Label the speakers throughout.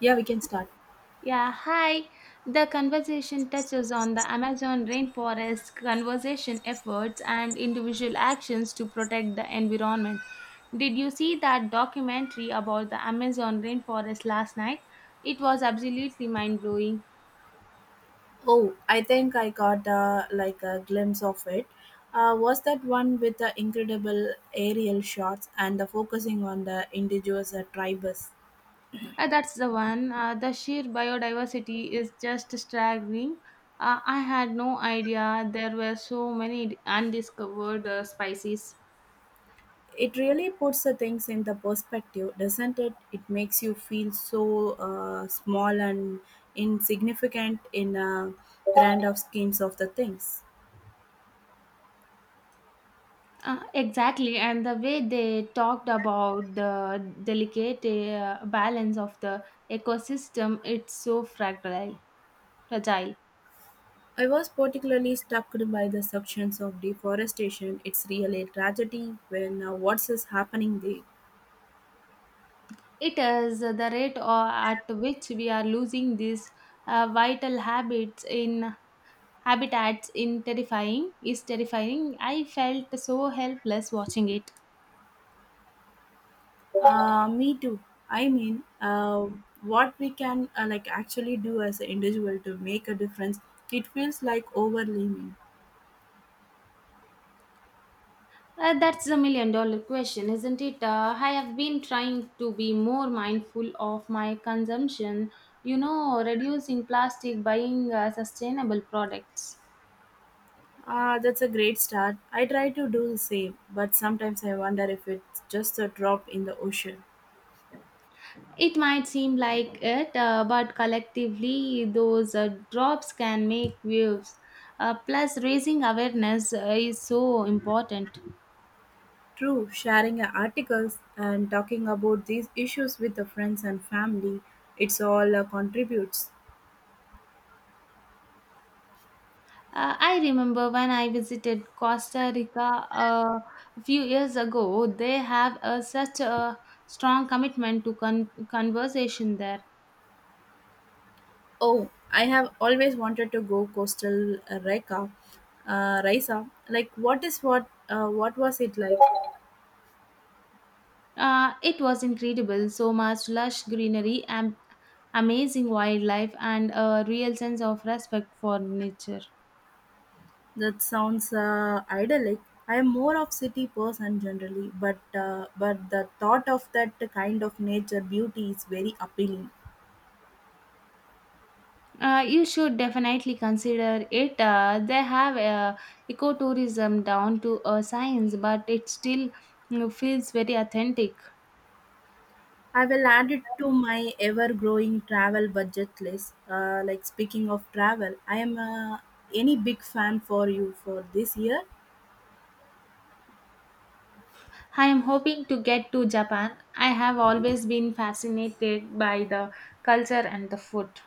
Speaker 1: Yeah, we can start.
Speaker 2: Yeah, hi. The conversation touches on the Amazon rainforest conservation efforts and individual actions to protect the environment. Did you see that documentary about the Amazon rainforest last night? It was absolutely mind blowing.
Speaker 1: Oh, I think I got like a glimpse of it. Was that one with the incredible aerial shots and the focusing on the indigenous tribes?
Speaker 2: That's the one. The sheer biodiversity is just staggering. I had no idea there were so many undiscovered species.
Speaker 1: It really puts the things in the perspective, doesn't it? It makes you feel so small and insignificant in grand of schemes of the things.
Speaker 2: Exactly, and the way they talked about the delicate balance of the ecosystem, it's so fragile.
Speaker 1: I was particularly struck by the sections of deforestation. It's really a tragedy when what's is happening there.
Speaker 2: It is the rate or at which we are losing these vital habits in habitats in terrifying. I felt so helpless watching it.
Speaker 1: Me too. I mean, what we can like actually do as an individual to make a difference, it feels like overwhelming.
Speaker 2: That's a million dollar question, isn't it? I have been trying to be more mindful of my consumption, you know, reducing plastic, buying sustainable products.
Speaker 1: Ah, that's a great start. I try to do the same, but sometimes I wonder if it's just a drop in the ocean.
Speaker 2: It might seem like it, but collectively, those drops can make waves. Plus, raising awareness is so important.
Speaker 1: True, sharing articles and talking about these issues with the friends and family, it's all contributes.
Speaker 2: I remember when I visited Costa Rica a few years ago, they have such a strong commitment to conversation there.
Speaker 1: Oh, I have always wanted to go coastal Rika, Raisa. Like, what is what? What was it like?
Speaker 2: It was incredible, so much lush greenery, and amazing wildlife, and a real sense of respect for nature.
Speaker 1: That sounds idyllic. I am more of city person generally, but the thought of that kind of nature beauty is very appealing.
Speaker 2: You should definitely consider it. They have ecotourism down to a science, but it still, you know, feels very authentic.
Speaker 1: I will add it to my ever-growing travel budget list. Like speaking of travel, I am any big fan for you for this year.
Speaker 2: I am hoping to get to Japan. I have always been fascinated by the culture and the food.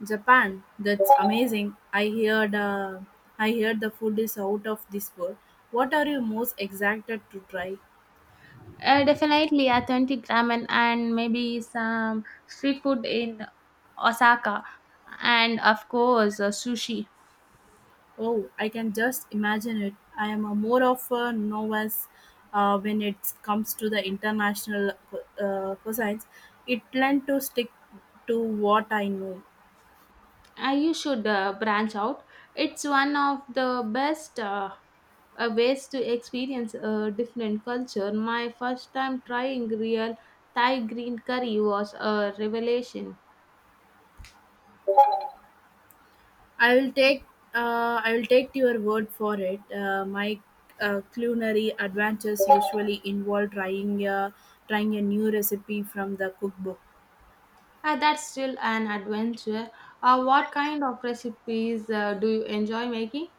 Speaker 1: Japan, that's amazing. I heard the food is out of this world. What are you most excited to try?
Speaker 2: Definitely authentic ramen and maybe some street food in Osaka, and of course sushi.
Speaker 1: Oh, I can just imagine it. I am a more of a novice when it comes to the international cuisines. It tend to stick to what I know.
Speaker 2: You should branch out. It's one of the best ways to experience a different culture. My first time trying real Thai green curry was a revelation.
Speaker 1: I'll take I'll take your word for it. My culinary adventures usually involve trying a new recipe from the cookbook.
Speaker 2: That's still an adventure. What kind of recipes do you enjoy making?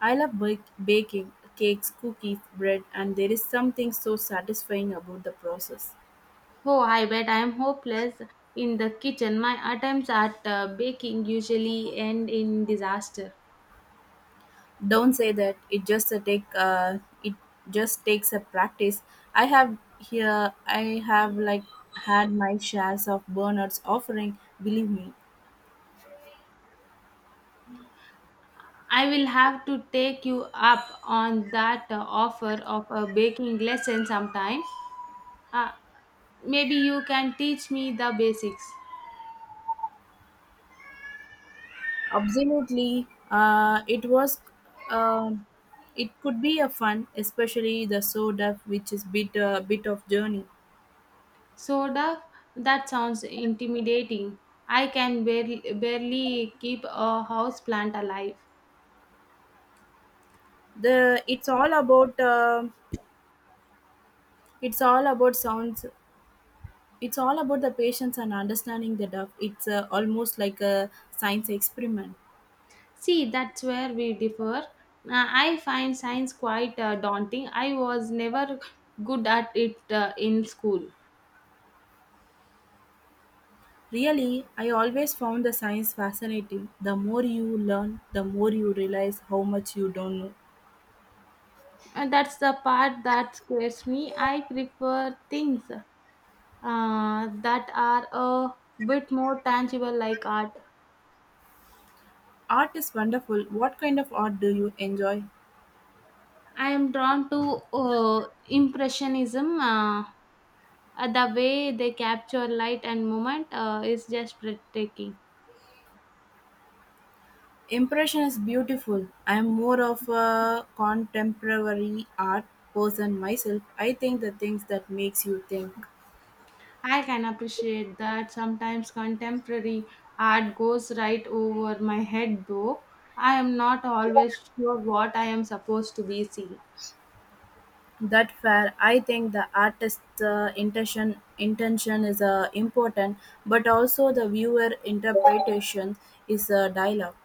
Speaker 1: I love baking cakes, cookies, bread, and there is something so satisfying about the process.
Speaker 2: Oh, I bet I am hopeless in the kitchen. My attempts at baking usually end in disaster.
Speaker 1: Don't say that it just takes a practice. I have here I have like had my shares of burners offering. Believe me,
Speaker 2: I will have to take you up on that offer of a baking lesson sometime. Uh, maybe you can teach me the basics.
Speaker 1: absolutely, it was. um it could be a fun, especially the soda, which is bit of journey.
Speaker 2: Soda? That sounds intimidating. I can barely keep a houseplant alive.
Speaker 1: The It's all about it's all about sounds. The patience and understanding the duff. It's almost like a science experiment.
Speaker 2: See, that's where we differ. I find science quite daunting. I was never good at it in school.
Speaker 1: Really, I always found the science fascinating. The more you learn, the more you realize how much you don't know.
Speaker 2: And that's the part that scares me. I prefer things that are a bit more tangible, like art.
Speaker 1: Art is wonderful. What kind of art do you enjoy?
Speaker 2: I am drawn to Impressionism. The way they capture light and movement is just breathtaking.
Speaker 1: Impression is beautiful. I'm more of a contemporary art person myself. I think the things that makes you think.
Speaker 2: I can appreciate that sometimes contemporary art goes right over my head, though. I am not always sure what I am supposed to be seeing.
Speaker 1: That fair. I think the artist's intention is important, but also the viewer interpretation is a dialogue.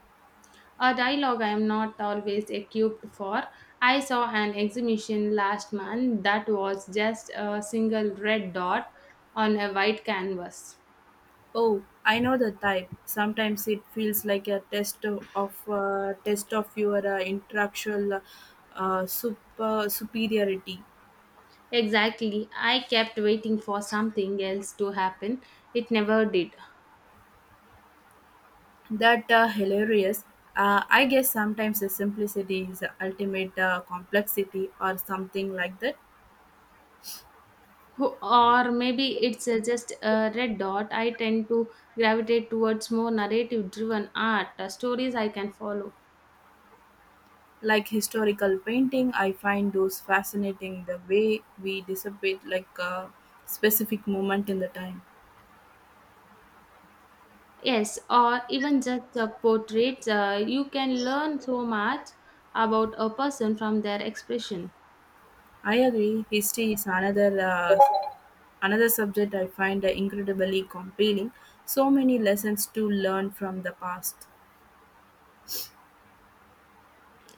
Speaker 2: A dialogue I am not always equipped for. I saw an exhibition last month that was just a single red dot on a white canvas.
Speaker 1: Oh, I know the type. Sometimes it feels like a test of your intellectual superiority.
Speaker 2: Exactly. I kept waiting for something else to happen. It never did.
Speaker 1: That hilarious. I guess sometimes the simplicity is the ultimate complexity or something like that.
Speaker 2: Or maybe it's just a red dot. I tend to gravitate towards more narrative driven art, stories I can follow.
Speaker 1: Like historical painting, I find those fascinating, the way we dissipate like a specific moment in the time.
Speaker 2: Yes, or even just portraits. You can learn so much about a person from their expression.
Speaker 1: I agree, history is another subject I find incredibly compelling. So many lessons to learn from the past.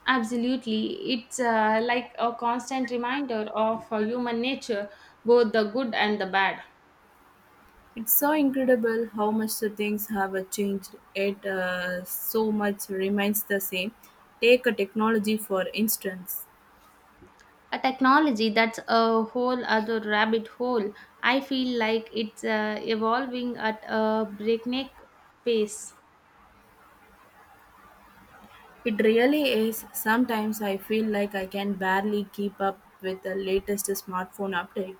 Speaker 2: Absolutely. It's like a constant reminder of human nature, both the good and the bad.
Speaker 1: It's so incredible how much the things have changed. It so much remains the same. Take a technology for instance.
Speaker 2: A technology, that's a whole other rabbit hole. I feel like it's evolving at a breakneck pace.
Speaker 1: It really is. Sometimes I feel like I can barely keep up with the latest smartphone update.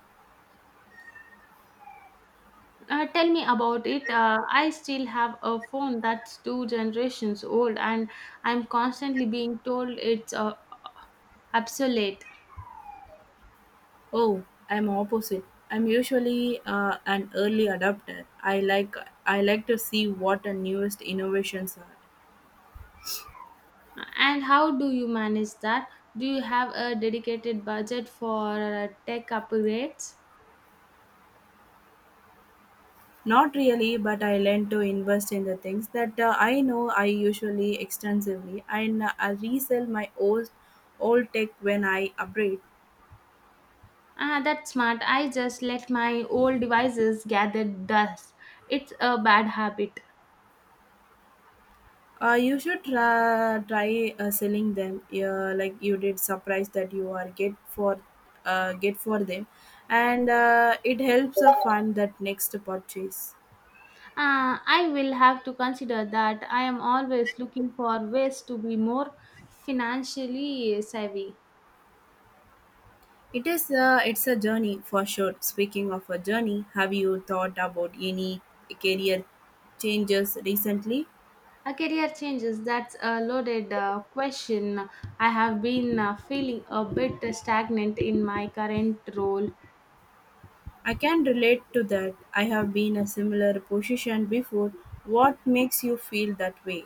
Speaker 2: Tell me about it. I still have a phone that's two generations old, and I'm constantly being told it's obsolete.
Speaker 1: Oh, I'm opposite. I'm usually an early adopter. I like to see what the newest innovations are.
Speaker 2: And how do you manage that? Do you have a dedicated budget for tech upgrades?
Speaker 1: Not really, but I learned to invest in the things that I know I usually extensively and I resell my old tech when I upgrade.
Speaker 2: Ah, that's smart. I just let my old devices gather dust. It's a bad habit.
Speaker 1: You should try selling them like you did surprise that you are get for them and it helps fund that next purchase.
Speaker 2: I will have to consider that. I am always looking for ways to be more financially savvy.
Speaker 1: It is it's a journey for sure. Speaking of a journey, have you thought about any career changes recently?
Speaker 2: A career changes, that's a loaded question. I have been feeling a bit stagnant in my current role.
Speaker 1: I can relate to that. I have been a similar position before. What makes you feel that way?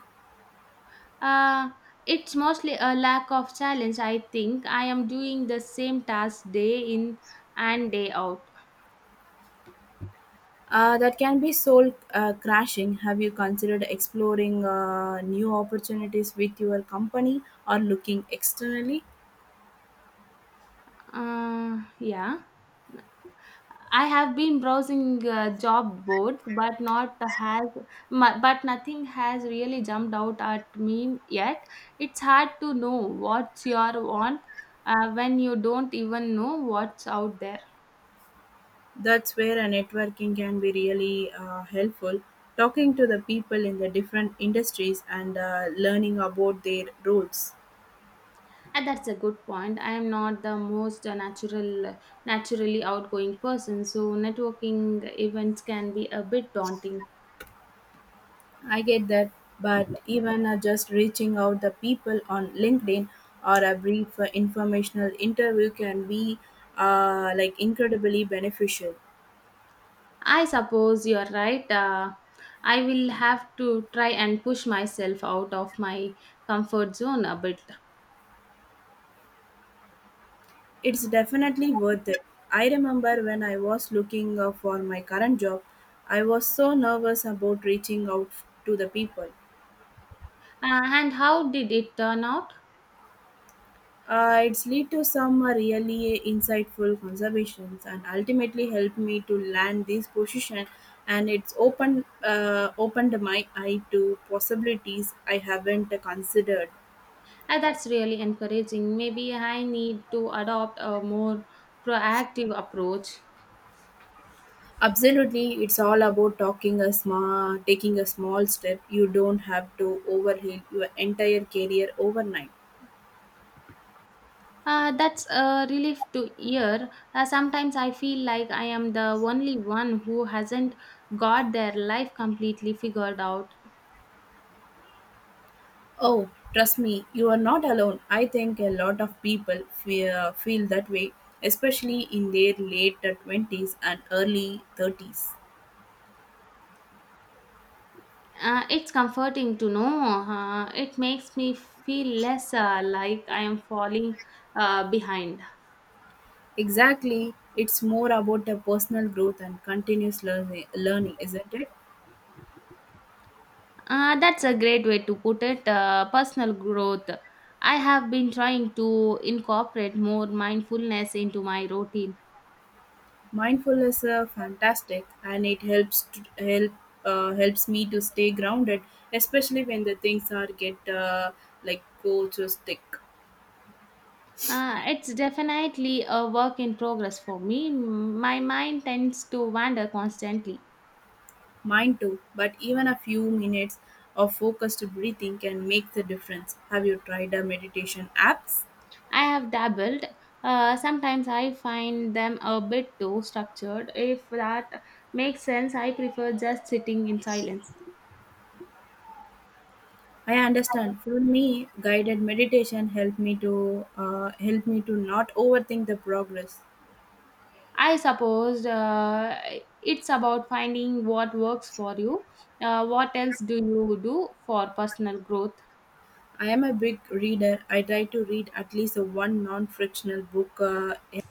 Speaker 2: Uh, it's mostly a lack of challenge, I think. I am doing the same task day in and day out.
Speaker 1: That can be soul crashing. Have you considered exploring new opportunities with your company or looking externally?
Speaker 2: Yeah. I have been browsing job boards, but not has, mu- but nothing has really jumped out at me yet. It's hard to know what's your want when you don't even know what's out there.
Speaker 1: That's where a networking can be really helpful. Talking to the people in the different industries and learning about their roles.
Speaker 2: And that's a good point. I am not the most naturally outgoing person, so networking events can be a bit daunting.
Speaker 1: I get that, but even just reaching out the people on LinkedIn or a brief informational interview can be like incredibly beneficial.
Speaker 2: I suppose you're right. I will have to try and push myself out of my comfort zone a bit.
Speaker 1: It's definitely worth it. I remember when I was looking for my current job, I was so nervous about reaching out to the people.
Speaker 2: And how did it turn out?
Speaker 1: It's lead to some really insightful conservations and ultimately helped me to land this position, and it's opened my eye to possibilities I haven't considered.
Speaker 2: That's really encouraging. Maybe I need to adopt a more proactive approach.
Speaker 1: Absolutely, it's all about taking a small step. You don't have to overhaul your entire career overnight.
Speaker 2: That's a relief to hear. Sometimes I feel like I am the only one who hasn't got their life completely figured out.
Speaker 1: Oh, trust me, you are not alone. I think a lot of people feel that way, especially in their late 20s and early 30s.
Speaker 2: It's comforting to know. It makes me feel less like I am falling behind.
Speaker 1: Exactly, it's more about a personal growth and continuous learning isn't it?
Speaker 2: That's a great way to put it. Personal growth. I have been trying to incorporate more mindfulness into my routine.
Speaker 1: Mindfulness is fantastic and it helps me to stay grounded, especially when the things are get like go to stick.
Speaker 2: It's definitely a work in progress for me. My mind tends to wander constantly.
Speaker 1: Mine too, but even a few minutes of focused breathing can make the difference. Have you tried a meditation apps?
Speaker 2: I have dabbled. Sometimes I find them a bit too structured. If that makes sense, I prefer just sitting in silence.
Speaker 1: I understand. For me, guided meditation helped me to not overthink the progress.
Speaker 2: I suppose it's about finding what works for you. What else do you do for personal growth?
Speaker 1: I am a big reader. I try to read at least a one non-frictional book.